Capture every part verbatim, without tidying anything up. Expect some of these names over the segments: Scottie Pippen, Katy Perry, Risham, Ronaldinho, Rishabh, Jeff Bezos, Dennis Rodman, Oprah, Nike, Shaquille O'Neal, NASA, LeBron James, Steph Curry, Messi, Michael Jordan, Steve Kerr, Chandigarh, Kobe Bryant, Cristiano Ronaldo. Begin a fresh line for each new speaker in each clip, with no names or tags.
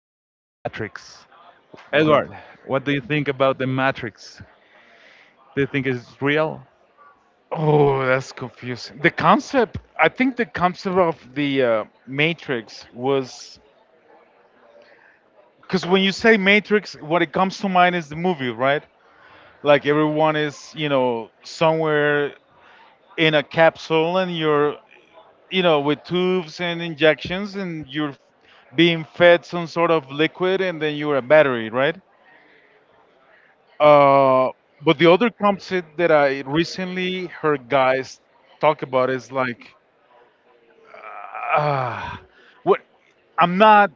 the Matrix.
You got
Edward,
to-
what do you think about the Matrix? Do you think it's real?
Oh, that's confusing. The concept, I think the concept of the uh, Matrix was because when you say Matrix, what it comes to mind is the movie, right? Like everyone is, you know, somewhere in a capsule and you're, you know, with tubes and injections and you're being fed some sort of liquid, and then you're a battery, right? Uh, but the other concept that I recently heard guys talk about is like, Ah, what? I'm not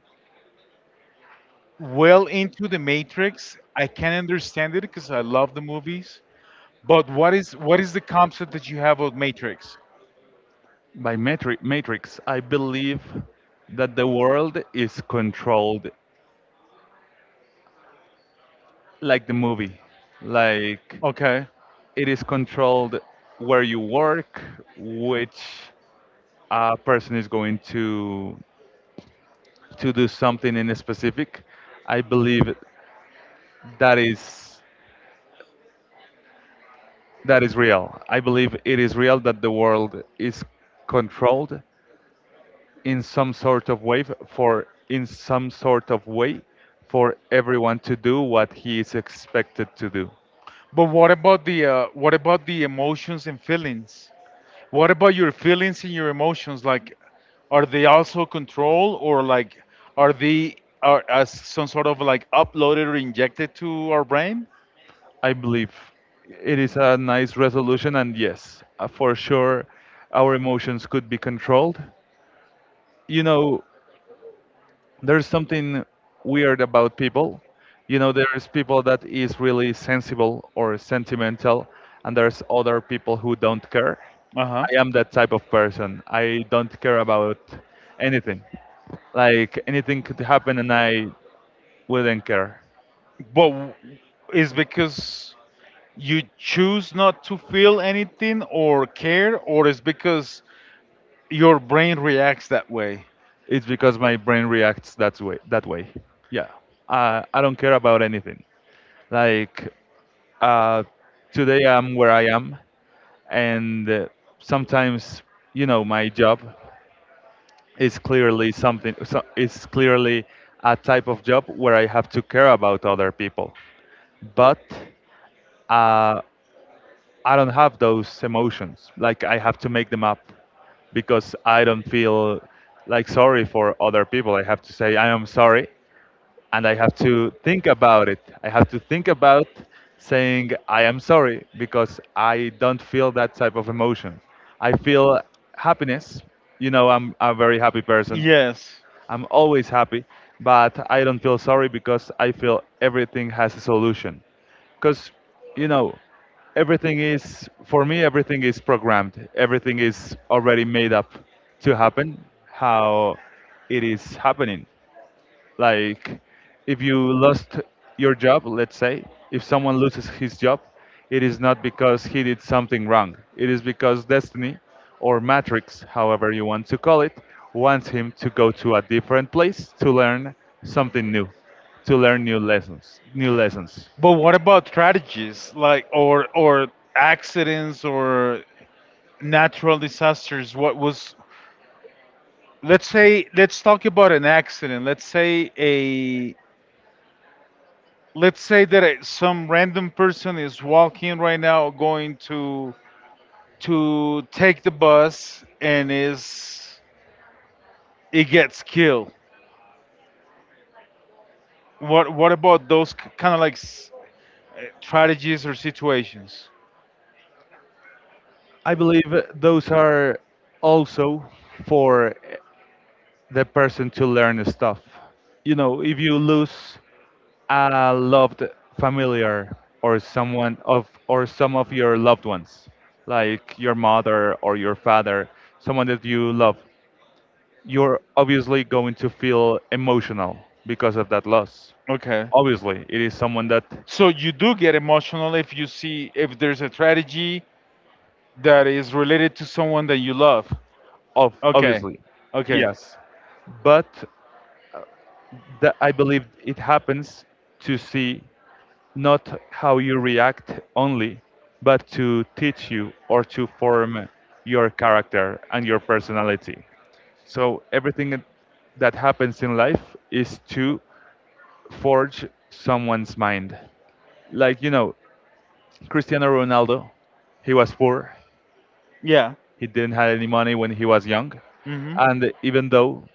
well into the Matrix. I can understand it because I love the movies. But what is what is the concept that you have of Matrix?
By matri- Matrix, I believe that the world is controlled like the movie. Like
Okay.
it is controlled where you work, which uh, person is going to to do something in a specific, I believe that is that is real. I believe it is real that the world is controlled in some sort of way for in some sort of way for everyone to do what he is expected to do.
But what about the uh, what about the emotions and feelings? What about your feelings and your emotions? Like, are they also controlled, or like are they are as some sort of like uploaded or injected to our brain?
I believe it is a nice resolution and yes, uh, for sure our emotions could be controlled. You know, there's something weird about people. You know, there's people that is really sensible or sentimental, and there's other people who don't care.
Uh huh.
I am that type of person. I don't care about anything. Like anything could happen, and I wouldn't care.
But w- is because you choose not to feel anything or care, or it's because your brain reacts that way?
It's because my brain reacts that way. That way. Yeah. I I don't care about anything. Like uh, today I'm where I am, and uh, sometimes you know my job is clearly something so, is clearly a type of job where I have to care about other people. But uh, I don't have those emotions. Like I have to make them up because I don't feel like sorry for other people. I have to say I am sorry and I have to think about it. I have to think about saying I am sorry because I don't feel that type of emotion. I feel happiness. You know, I'm a very happy person.
Yes.
I'm always happy, but I don't feel sorry because I feel everything has a solution. Because, you know, everything is, for me, everything is programmed, everything is already made up to happen how it is happening. Like, if you lost your job, let's say, if someone loses his job, it is not because he did something wrong. It is because destiny, or matrix, however you want to call it, wants him to go to a different place to learn something new, to learn new lessons. New lessons.
But what about tragedies like or or accidents or natural disasters? What was, let's say let's talk about an accident. Let's say a let's say that a, some random person is walking right now going to to take the bus, and is it gets killed. What what about those kind of like s- strategies or situations?
I believe those are also for the person to learn stuff. You know, if you lose a loved familiar or someone of or some of your loved ones, like your mother or your father, someone that you love, you're obviously going to feel emotional because of that loss.
Okay.
Obviously, it is someone that
So you do get emotional if you see if there's a strategy that is related to someone that you love.
of
Okay.
obviously,
Okay.
yes, but that I believe it happens to see not how you react only, but to teach you or to form your character and your personality. So everything that happens in life is to forge someone's mind. Like, you know, Cristiano Ronaldo, he was poor,
Yeah.
he didn't have any money when he was young,
Mhm.
and even though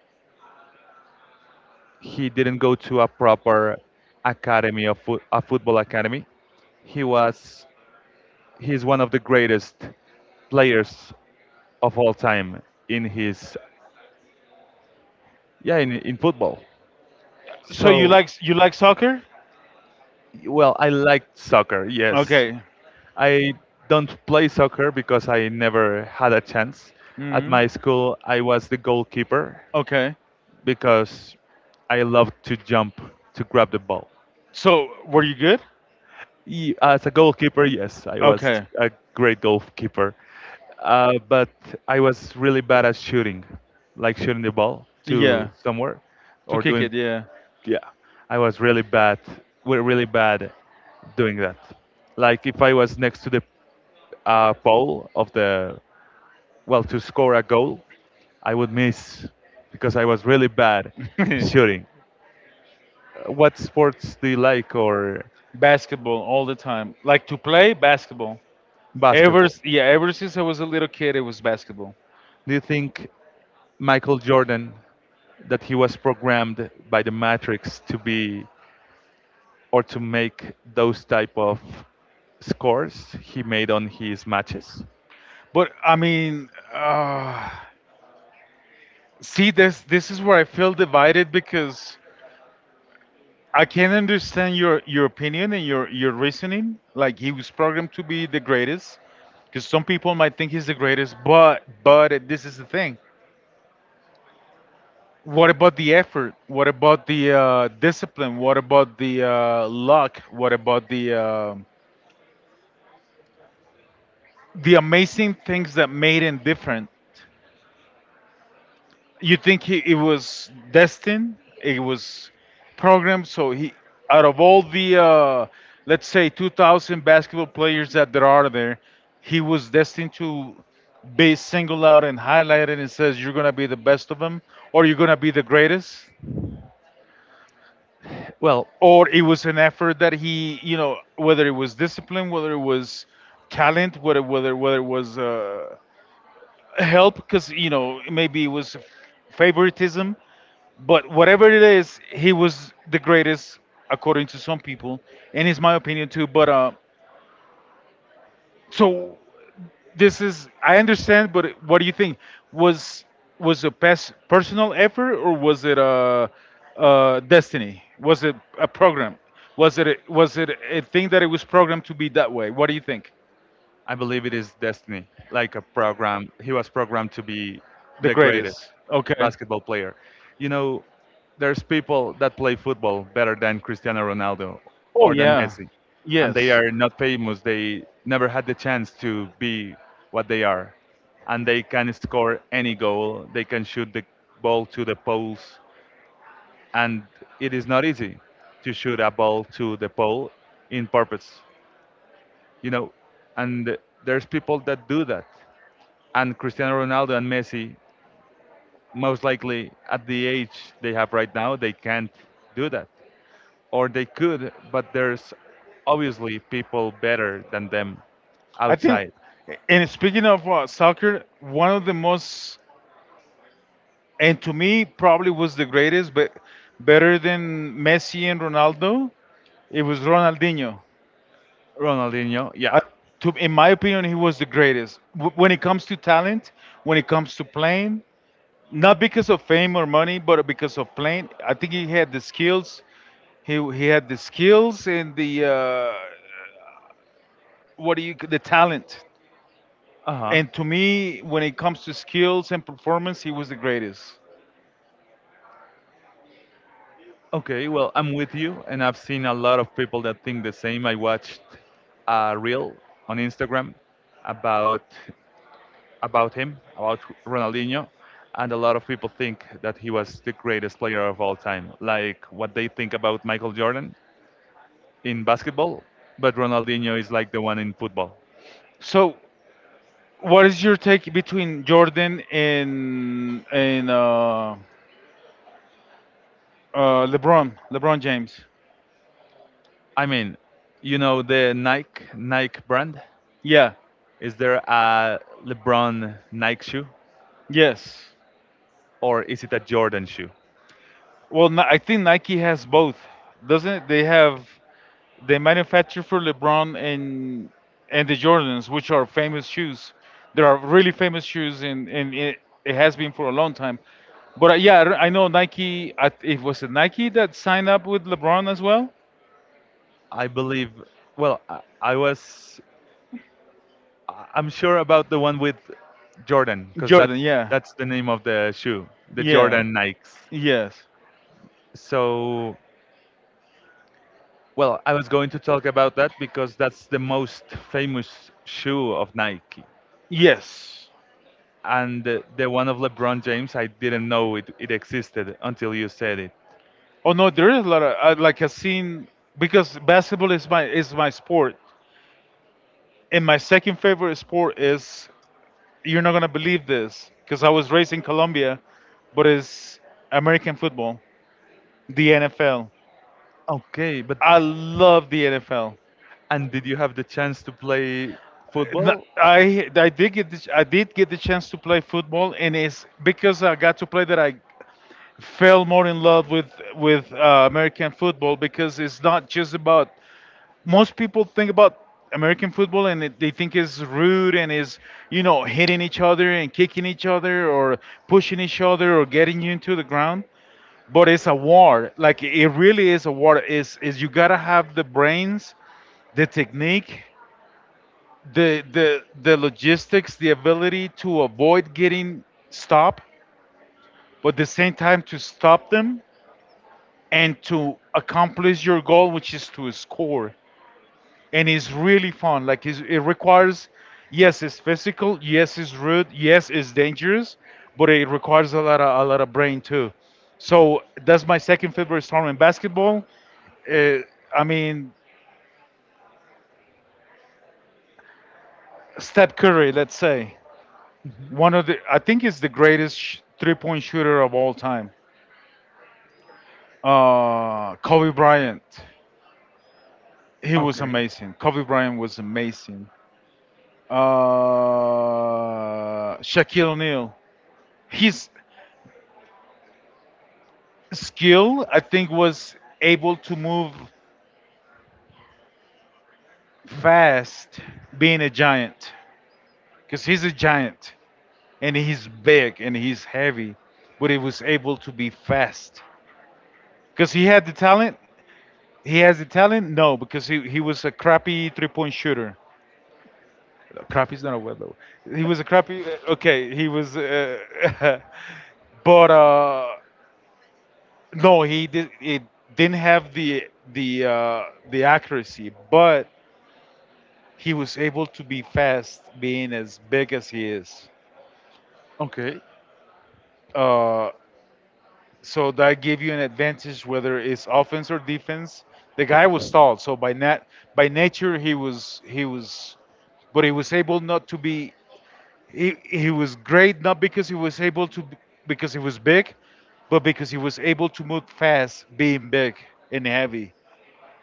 he didn't go to a proper academy of fo- a football academy, he was he's one of the greatest players of all time in his yeah, in, in football.
So you
So
like, you like soccer?
well, I liked soccer. Yes,
Okay.
I don't play soccer because I never had a chance. At
Mhm.
my school, I was the goalkeeper
Okay.
because I loved to jump to grab the ball.
So were you good?
Ye- As a goalkeeper, yes, I was
Okay.
a great goalkeeper, uh, but I was really bad at shooting, like shooting the ball to
Yeah.
somewhere,
To
or
kick
doing.
it, yeah.
Yeah, I was really bad. We're really bad doing that. Like if I was next to the uh, pole of the well to score a goal, I would miss because I was really bad at shooting. Uh, What sports do you like or
Basketball all the time. Like to play basketball. Ever
basketball?
s- yeah, ever since I was a little kid, it was basketball.
Do you think? Michael Jordan that he was programmed by the Matrix to be or to make those type of scores he made on his matches.
But I mean, uh, see this this is where I feel divided, because I can understand your your opinion and your your reasoning. Like, he was programmed to be the greatest, because some people might think he's the greatest. But but this is the thing. What about the effort? What about the uh, discipline? What about the uh, luck? What about the um the amazing things that made him different. You think he, it was destined? It was programmed. So he, out of all the, uh, let's say, two thousand basketball players that there are there, he was destined to be singled out and highlighted and says, "You're gonna be the best of them, or you're gonna be the greatest."
Well,
Or it was an effort that he, you know, whether it was discipline, whether it was talent, whether whether whether it was. Uh, help, because you know, maybe it was favoritism, but whatever it is, he was the greatest, according to some people, and it's my opinion too. But uh so this is, I understand, but what do you think was, was a pers- personal effort, or was it a, a destiny, was it a program, was it a, was it a thing that it was programmed to be that way? What do you think
I believe it is destiny, like a program. He was programmed to be
the
the greatest
greatest? Okay.
basketball player. You know, there's people that play football better than Cristiano Ronaldo
Oh
or than
yeah.
Messi, and they
Yes.
are not famous. They never had the chance to be what they are, and they can score any goal. They can shoot the ball to the poles, and it is not easy to shoot a ball to the pole in purpose you know, and there's people that do that. And Cristiano Ronaldo and Messi, most likely at the age they have right now, they can't do that. Or they could, but there's obviously people better than them
I think,
outside.
and speaking of uh, soccer, one of the most, and to me, probably was the greatest, but better than Messi and Ronaldo, it was Ronaldinho.
Ronaldinho, yeah,
I, to, in my opinion, he was the greatest. W- when it comes to talent, when it comes to playing, not because of fame or money, but because of playing. I think he had the skills, He he had the skills and the uh, what do you the talent.
uh huh.
And to me, when it comes to skills and performance, he was the greatest.
Okay, well, I'm with you, and I've seen a lot of people that think the same. I watched a reel on Instagram about about him, about Ronaldinho, and a lot of people think that he was the greatest player of all time, like what they think about Michael Jordan in basketball, but Ronaldinho is like the one in football.
So, what is your take between Jordan and and uh, uh, LeBron, LeBron James?
I mean, you know the Nike Nike brand?
Yeah.
Is there a LeBron Nike shoe
Yes.
or is it a Jordan shoe?
Well, Ni- I think Nike has both, doesn't it? They have, they manufacture for LeBron and and the Jordans, which are famous shoes. There are really famous shoes, and and it, it has been for a long time. But uh, yeah, I re- I know Nike. I, it was it Nike that signed up with LeBron as well.
I believe. Well, I, I was. I- I'm sure about the one with Jordan because that
Jordan, yeah,
that's the name of the shoe, the
yeah,
Jordan Nikes.
yes,
So, well, I was going to talk about that because that's the most famous shoe of Nike,
yes.
and the, the one of LeBron James. I didn't know it it existed until you said it.
Oh no, there is a lot of uh, like I've seen, because basketball is my is my sport, and my second favorite sport is, you're not gonna believe this because I was raised in Colombia, but it's American football, the N F L.
Okay, but
I love the N F L.
and did you have the chance to play
N-
football?
I I did get the, I did get the chance to play football, and it's because I got to play that I fell more in love with with uh, American football, because it's not just about, most people think about American football and it, they think it's rude and is, you know, hitting each other and kicking each other or pushing each other or getting you into the ground, but it's a war. Like it really is a war. Is is you gotta have the brains, the technique, the the the logistics, the ability to avoid getting stopped, but at the same time to stop them and to accomplish your goal, which is to score. And it's really fun. Like it's, it requires, yes, it's physical, yes, it's rude, yes, it's dangerous, but it requires a lot of a lot of brain too. So that's my second favorite sport in basketball. uh, I mean, Steph Curry, let's say,
Mhm.
one of the, I think is the greatest sh- three-point shooter of all time. Uh, Kobe Bryant, he was
Okay.
amazing. Kobe Bryant was amazing. Uh, Shaquille O'Neal, his skill, I think, was able to move fast, being a giant, because he's a giant and he's big and he's heavy, but he was able to be fast because he had the talent. He has the talent? No, because he, he was a crappy three point shooter. Crappy's not a word though. He was a crappy. Okay, he was. Uh, but uh, no, he did. It didn't have the the uh, the accuracy, but he was able to be fast, being as big as he is.
Okay.
Uh, so that gave you an advantage, whether it's offense or defense. The guy was tall, so by nat by nature he was, he was but he was able not to be, he, he was great, not because he was able to, because he was big, but because he was able to move fast, being big and heavy,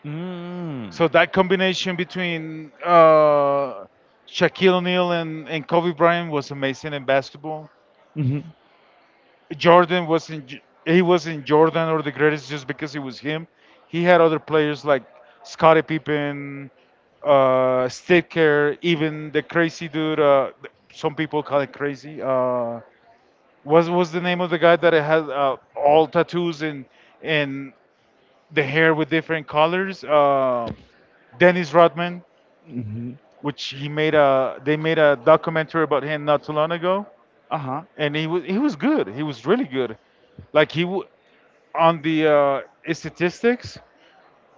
Mm.
so that combination between uh, Shaquille O'Neal and, and Kobe Bryant was amazing in basketball.
Mhm.
Jordan wasn't, he wasn't Jordan or the greatest just because it was him. He had other players like Scottie Pippen, uh, Steve Kerr, even the crazy dude, uh, some people call it crazy, uh, what was the name of the guy that had uh, all tattoos and and the hair with different colors? Um Dennis Rodman,
Mhm.
which he made a, they made a documentary about him not too long ago,
Uh-huh.
and he was he was good. He was really good. Like he w- on the uh, statistics,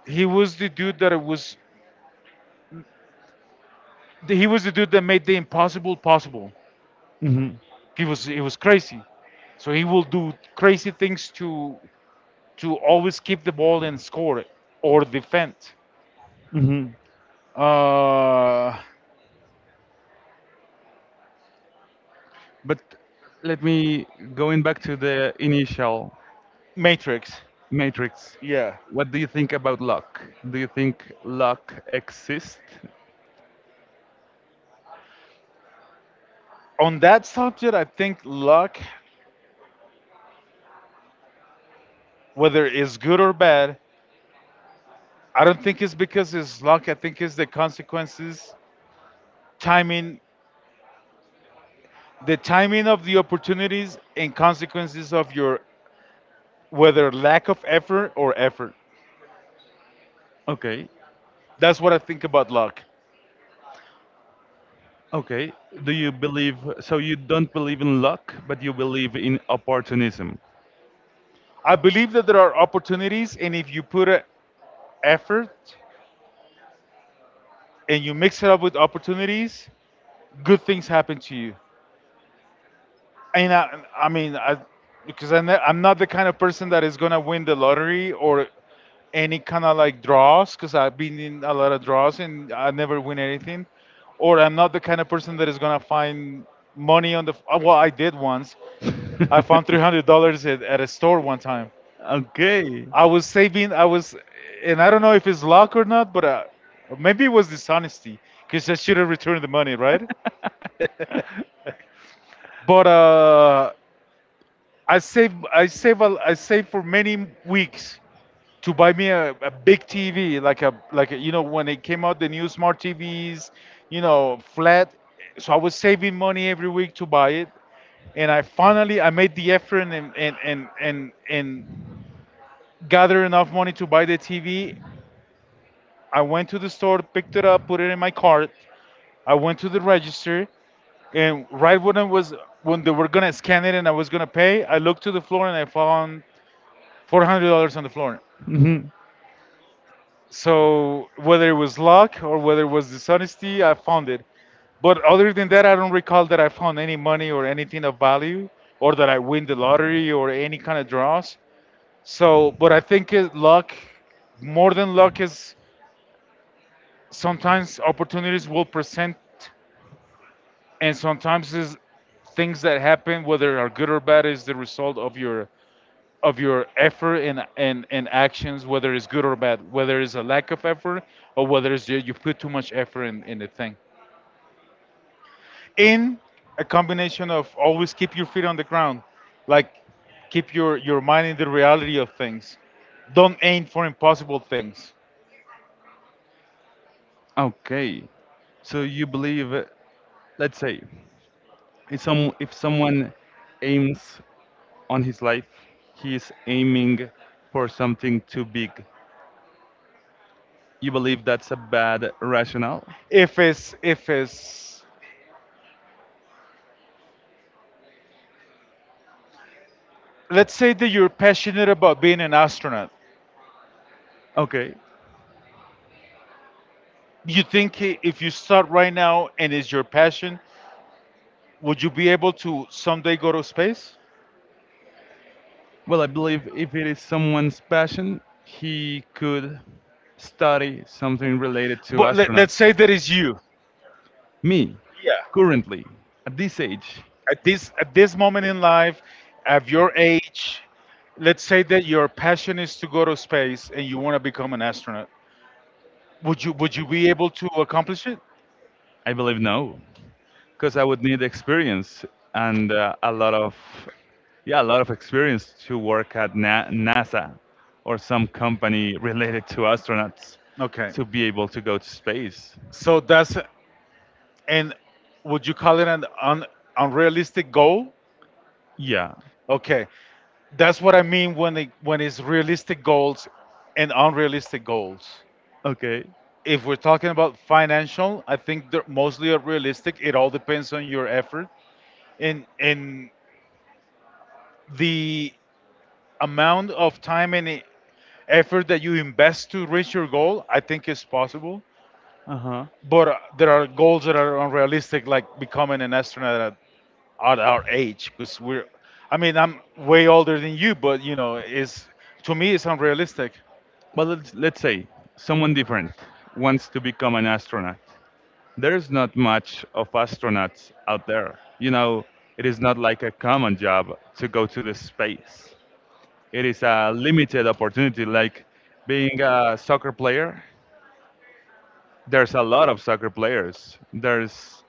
he was the dude that it was he was the dude that made the impossible possible.
Mhm.
He was he was crazy, so he will do crazy things to to always keep the ball and score it or defend.
Mhm.
Uh,
But let me going back to the initial
Matrix.
matrix.
Yeah.
What do you think about luck? Do you think luck exists?
On that subject, I think luck, whether it's good or bad, I don't think it's because it's luck. I think it's the consequences, timing, the timing of the opportunities and consequences of your whether lack of effort or effort.
Okay.
That's what I think about luck.
Okay. Do you believe so you don't believe in luck, but you believe in opportunism?
I believe that there are opportunities, and if you put a effort and you mix it up with opportunities, good things happen to you. And I, I mean, I, because I'm not, I'm not the kind of person that is gonna win the lottery or any kind of like draws, because I've been in a lot of draws and I never win anything. Or I'm not the kind of person that is gonna find money on the. f- Well, I did once. I found three hundred dollars at, at a store one time.
Okay.
I was saving. I was, and I don't know if it's luck or not, but uh, maybe it was dishonesty, because I should have returned the money, right? But uh, I save I save a, I save for many weeks to buy me a, a big T V like a like a, you know, when it came out, the new smart T Vs, you know, flat, so I was saving money every week to buy it, and I finally I made the effort and and and and, and gather enough money to buy the T V. I went to the store, picked it up, put it in my cart, I went to the register, and right when I was, when they were gonna scan it and I was gonna pay, I looked to the floor and I found four hundred dollars on the floor.
Mhm.
So whether it was luck or whether it was dishonesty, I found it. But other than that, I don't recall that I found any money or anything of value, or that I win the lottery or any kind of draws. So, but I think it, luck, more than luck, is sometimes opportunities will present, and sometimes is things that happen, whether are good or bad, is the result of your of your effort and, and, and actions, whether it's good or bad, whether it's a lack of effort or whether it's you, you put too much effort in, in the thing. In a combination of always keep your feet on the ground, like keep your, your mind in the reality of things. Don't aim for impossible things.
Okay. So you believe, uh, let's say, if some if someone aims on his life, he is aiming for something too big. You believe that's a bad rationale?
If it's, if it's, Let's say that you're passionate about being an astronaut.
Okay.
You think if you start right now and it's your passion, would you be able to someday go to space?
Well, I believe if it is someone's passion, he could study something related to
But let, let's
astronauts.
say that is you.
Me,
Yeah.
currently, at this age,
At this at this moment in life, at your age, let's say that your passion is to go to space and you want to become an astronaut. Would you would you be able to accomplish it?
I believe no, because I would need experience and uh, a lot of, yeah, a lot of experience to work at Na- NASA or some company related to astronauts
Okay.
to be able to go to space.
So that's and would you call it an un, unrealistic goal?
Yeah.
Okay. That's what I mean when it, when it's realistic goals and unrealistic goals.
Okay.
If we're talking about financial, I think they're mostly are realistic. It all depends on your effort and and the amount of time and e- effort that you invest to reach your goal. I think is possible,
Uh huh.
but uh, there are goals that are unrealistic, like becoming an astronaut at, at our age, because we're. I mean, I'm way older than you, but you know, is to me it's unrealistic.
But let's, let's say someone different wants to become an astronaut. There's not much of astronauts out there. You know, it is not like a common job to go to the space. It is a limited opportunity, like being a soccer player. There's a lot of soccer players. There's,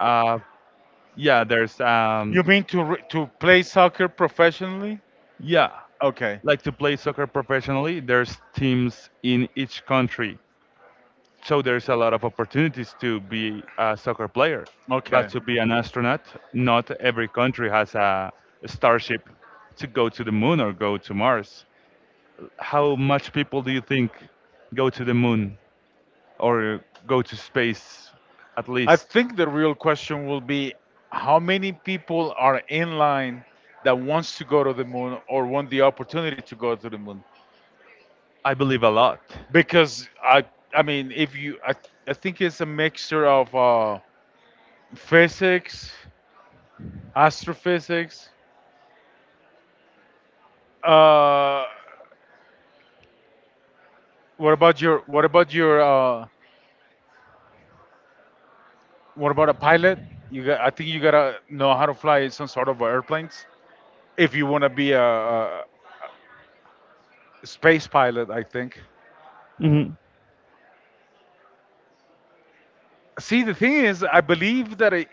uh, yeah, there's,
You
um,
mean to re- to play soccer professionally?
yeah,
Okay.
like to play soccer professionally. There's teams in each country. So there's a lot of opportunities to be a soccer player, but
Okay.
to be an astronaut, not every country has a starship to go to the moon or go to Mars. How much people do you think go to the moon or go to space at
I
least?
think the real question will be how many people are in line that wants to go to the moon or want the opportunity to go to the moon?
I believe a lot.
Because I, I mean, if you, I, I think it's a mixture of uh, physics, astrophysics. Uh, what about your what about your uh, what about a pilot? You got, I think you gotta know how to fly some sort of airplanes if you wanna be a, a space pilot. I think.
hmm
See, the thing is, I believe that it,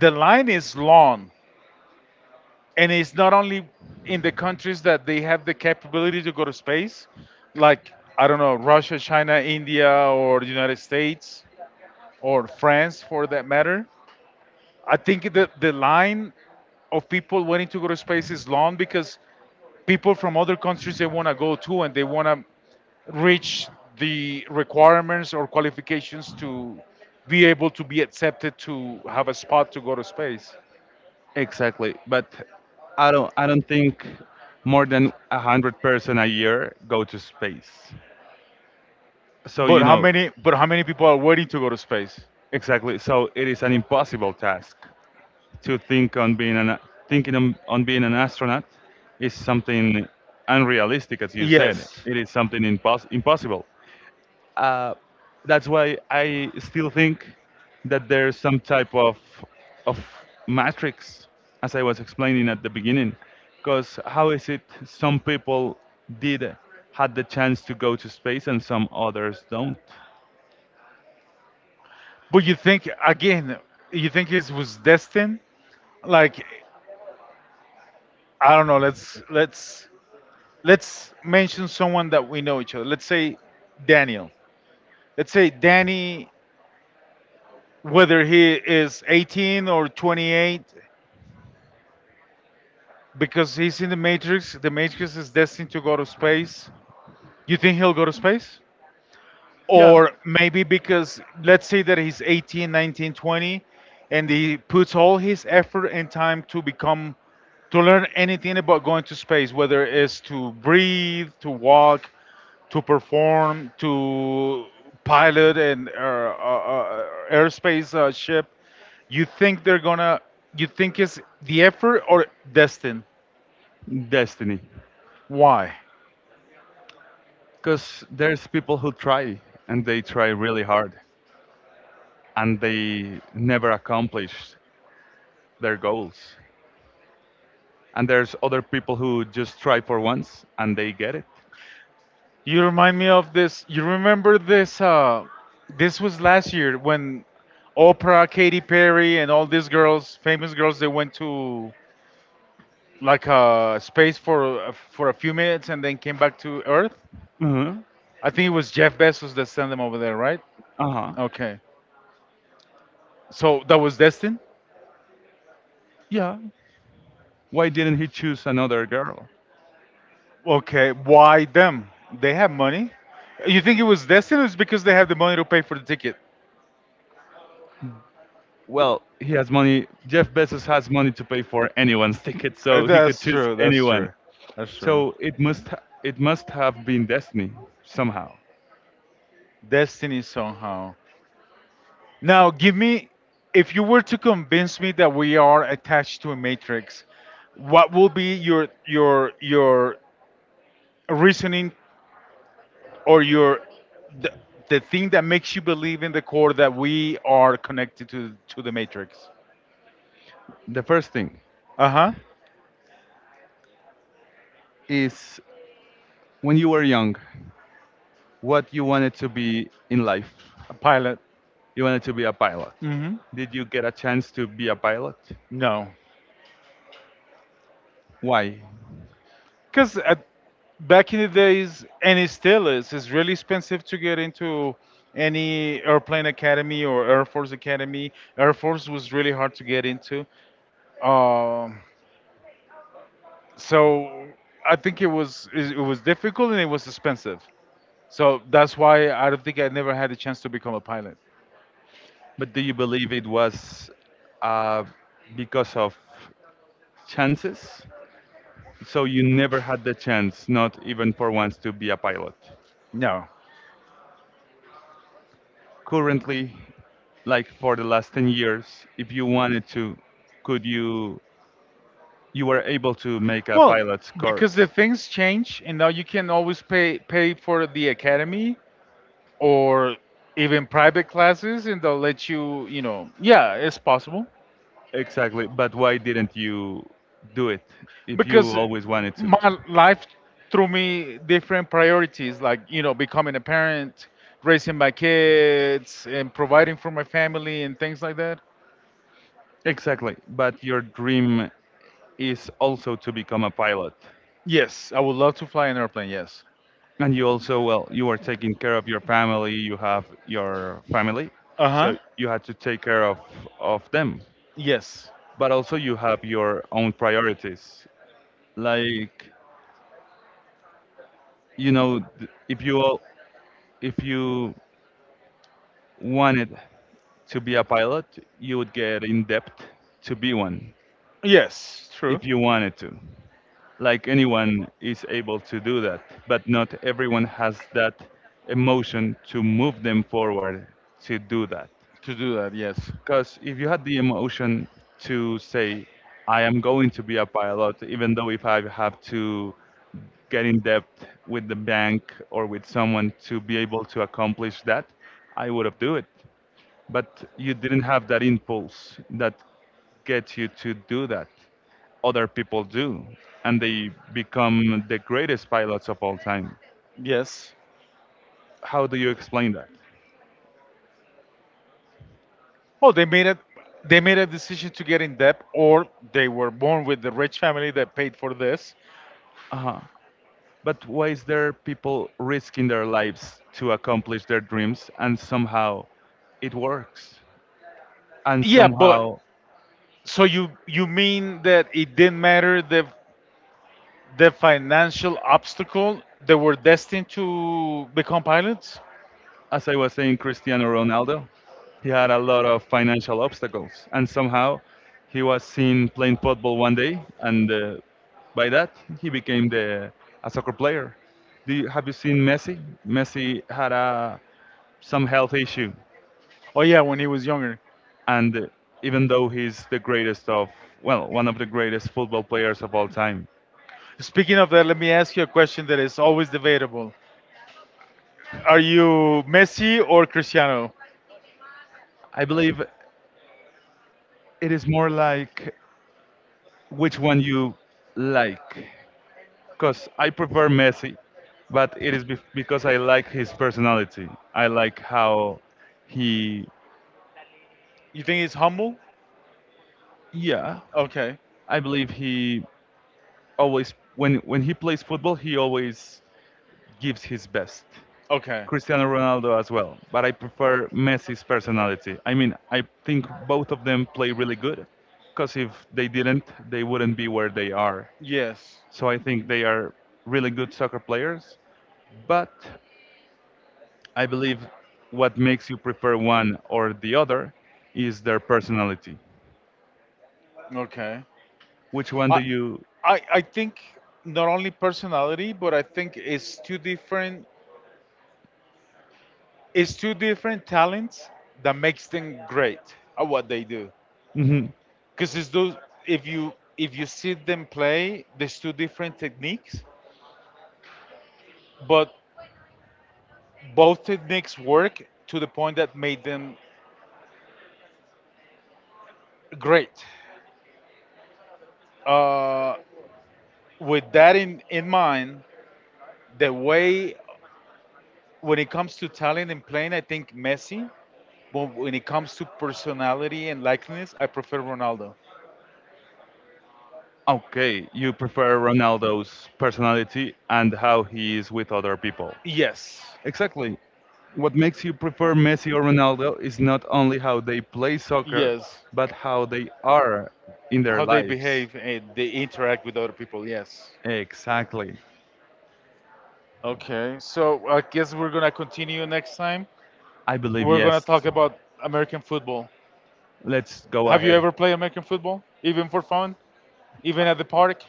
the line is long, and it's not only in the countries that they have the capability to go to space, like I don't know, Russia, China, India, or the United States, or France for that matter. I think the, the line of people wanting to go to space is long because people from other countries they want to go to and they want to reach the requirements or qualifications to be able to be accepted to have a spot to go to space.
Exactly, but I don't I don't think more than a hundred person a year go to space. So you
But how
know
many but how many people are waiting to go to space?
exactly. So it is an impossible task to think on being an thinking on, on being an astronaut is something unrealistic, as you said.
Yes.
It is something impos- impossible. Uh, that's why I still think that there's some type of of matrix, as I was explaining at the beginning. Because how is it some people did had the chance to go to space and some others don't?
But you think again, you think it was destined? Like I don't know, let's let's let's mention someone that we know each other. Let's say Daniel. Let's say Danny, whether he is eighteen or twenty-eight, because he's in the Matrix, the Matrix is destined to go to space. You think he'll go to space?
Yeah.
Or maybe because let's say that he's eighteen, nineteen, twenty, and he puts all his effort and time to become to learn anything about going to space, whether it's to breathe, to walk, to perform, to pilot an uh, uh, uh, airspace uh, ship, you think they're gonna, you think
It's
it's the effort or destined?
destiny.
Why?
Because there's people who try and they try really hard and they never accomplish their goals. And there's other people who just try for once and they get it.
You remind me of this. You remember this? Uh, this was last year when Oprah, Katy Perry, and all these girls, famous girls, they went to like uh, space for uh, for a few minutes and then came back to Earth.
Uh huh.
I think it was Jeff Bezos that sent them over there, right?
Uh huh.
Okay. So that was destined.
Yeah. Why didn't he choose another girl?
Okay, why them? They have money. You think it was destined? It's because they have the money to pay for the ticket.
Well, he has money. Jeff Bezos has money to pay for anyone's ticket,
Uh,
so he could
That's
choose
true. That's
anyone.
true. That's true.
So it must ha- it must have been destiny somehow.
Destiny somehow. Now, give me, if you were to convince me that we are attached to a matrix, what will be your your your reasoning or your the, the thing that makes you believe in the core that we are connected to to the matrix.
The first thing
Uh-huh.
is when you were young, what you wanted to be in life.
A pilot.
You wanted to be a pilot.
Mm-hmm.
Did you get a chance to be a pilot?
No.
Why?
Because back in the days and it still is it's really expensive to get into any airplane academy or air force academy, air force was really hard to get into. um, so I think it was it it was difficult and it was expensive, so that's why I don't think I never had a chance to become a pilot.
But do you believe it was uh, because of chances. So you never had the chance, not even for once, to be a pilot.
No.
Currently, like for the last ten years, if you wanted to, could you, you were able to make a
Well,
pilot's
because
course.
the things change, and now you can always pay pay for the academy or even private classes, and they'll let you. You know, yeah, it's possible.
Exactly, but why didn't you do it if you
Because
always wanted to?
my life threw me different priorities, like you know, becoming a parent, raising my kids, and providing for my family and things like that.
Exactly, but your dream is also to become a pilot.
Yes, I would love to fly an airplane. Yes.
And you also, well, you are taking care of your family, you have your family,
Uh huh.
so you had to take care of of them.
Yes.
But also you have your own priorities. Like, you know, th- if you al- if you wanted to be a pilot, you would get in debt to be one
Yes. True.
if you wanted to. Like anyone is able to do that, but not everyone has that emotion to move them forward to do that.
To do that. Yes.
Because if you had the emotion to say, I am going to be a pilot, even though if I have to get in debt with the bank or with someone to be able to accomplish that, I would have do it but you didn't have that impulse that gets you to do that. Other people do, and they become the greatest pilots of all time.
Yes.
How do you explain that?
Oh, they made it. They made a decision to get in debt, or they were born with the rich family that paid for this.
Uh-huh. But why is there people risking their lives to accomplish their dreams and somehow it works? And yeah,
Yeah, but
somehow
so you you mean that it didn't matter the the financial obstacle they were destined to become pilots?
as I was saying, Cristiano Ronaldo, he had a lot of financial obstacles, and somehow he was seen playing football one day, and uh, by that he became the a soccer player. Do you, have you seen Messi? Messi had a some health issue,
Oh yeah, when he was younger.
and uh, even though he's the greatest of well, one of the greatest football players of all time,
Speaking of that, let me ask you a question that is always debatable. Are you Messi or Cristiano?
I believe it is more like which one you like, because I prefer Messi, but it is bef- because I like his personality. I like how he,
You think he's humble?
yeah,
Okay.
I believe he always when when he plays football, he always gives his best.
Okay.
Cristiano Ronaldo as well, but I prefer Messi's personality. I mean, I think both of them play really good, because if they didn't, they wouldn't be where they are.
Yes.
So I think they are really good soccer players, but I believe what makes you prefer one or the other is their personality.
Okay.
Which one do
I,
you?
I I think not only personality, but I think it's two different it's two different talents that makes them great at what they do.
Mhm.
Because it's those if you if you see them play, there's two different techniques, but both techniques work to the point that made them great. Uh, with that in, in mind, the way when it comes to talent and playing, I think Messi. But when it comes to personality and likeness, I prefer Ronaldo.
Okay, you prefer Ronaldo's personality and how he is with other people.
Yes.
Exactly. What makes you prefer Messi or Ronaldo is not only how they play soccer,
Yes.
but how they are in their
How they
lives.
behave and they interact with other people. Yes.
Exactly.
Okay. So I guess we're gonna continue next time.
I believe
We're gonna
yes.
talk about American football.
Let's go
Have you
ahead.
ever played American football, even for fun, even at the park?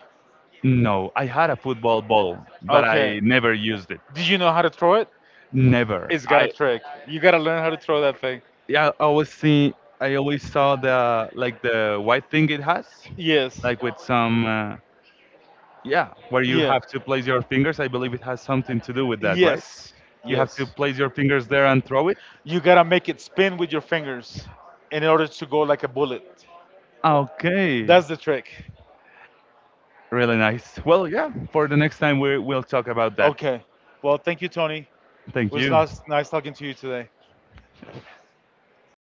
No, I had a football ball, but
Okay.
I never used it.
Did you know how to throw it?
Never.
It's got a
I
trick. You gotta learn how to throw that thing.
yeah, I always see. I always saw the like the white thing it has,
Yes.
like with some uh, yeah, where you
Yeah.
have to place your fingers. I believe it has something to do with that, right?
Yes.
You have to
Yes.
place your fingers there and throw it.
You gotta make it spin with your fingers in order to go like a bullet.
Okay.
That's the trick.
Really nice. Well, yeah. For the next time, we will talk about that.
Okay. Well, thank you, Tony. It
Thank
was
you.
nice, nice talking to you today.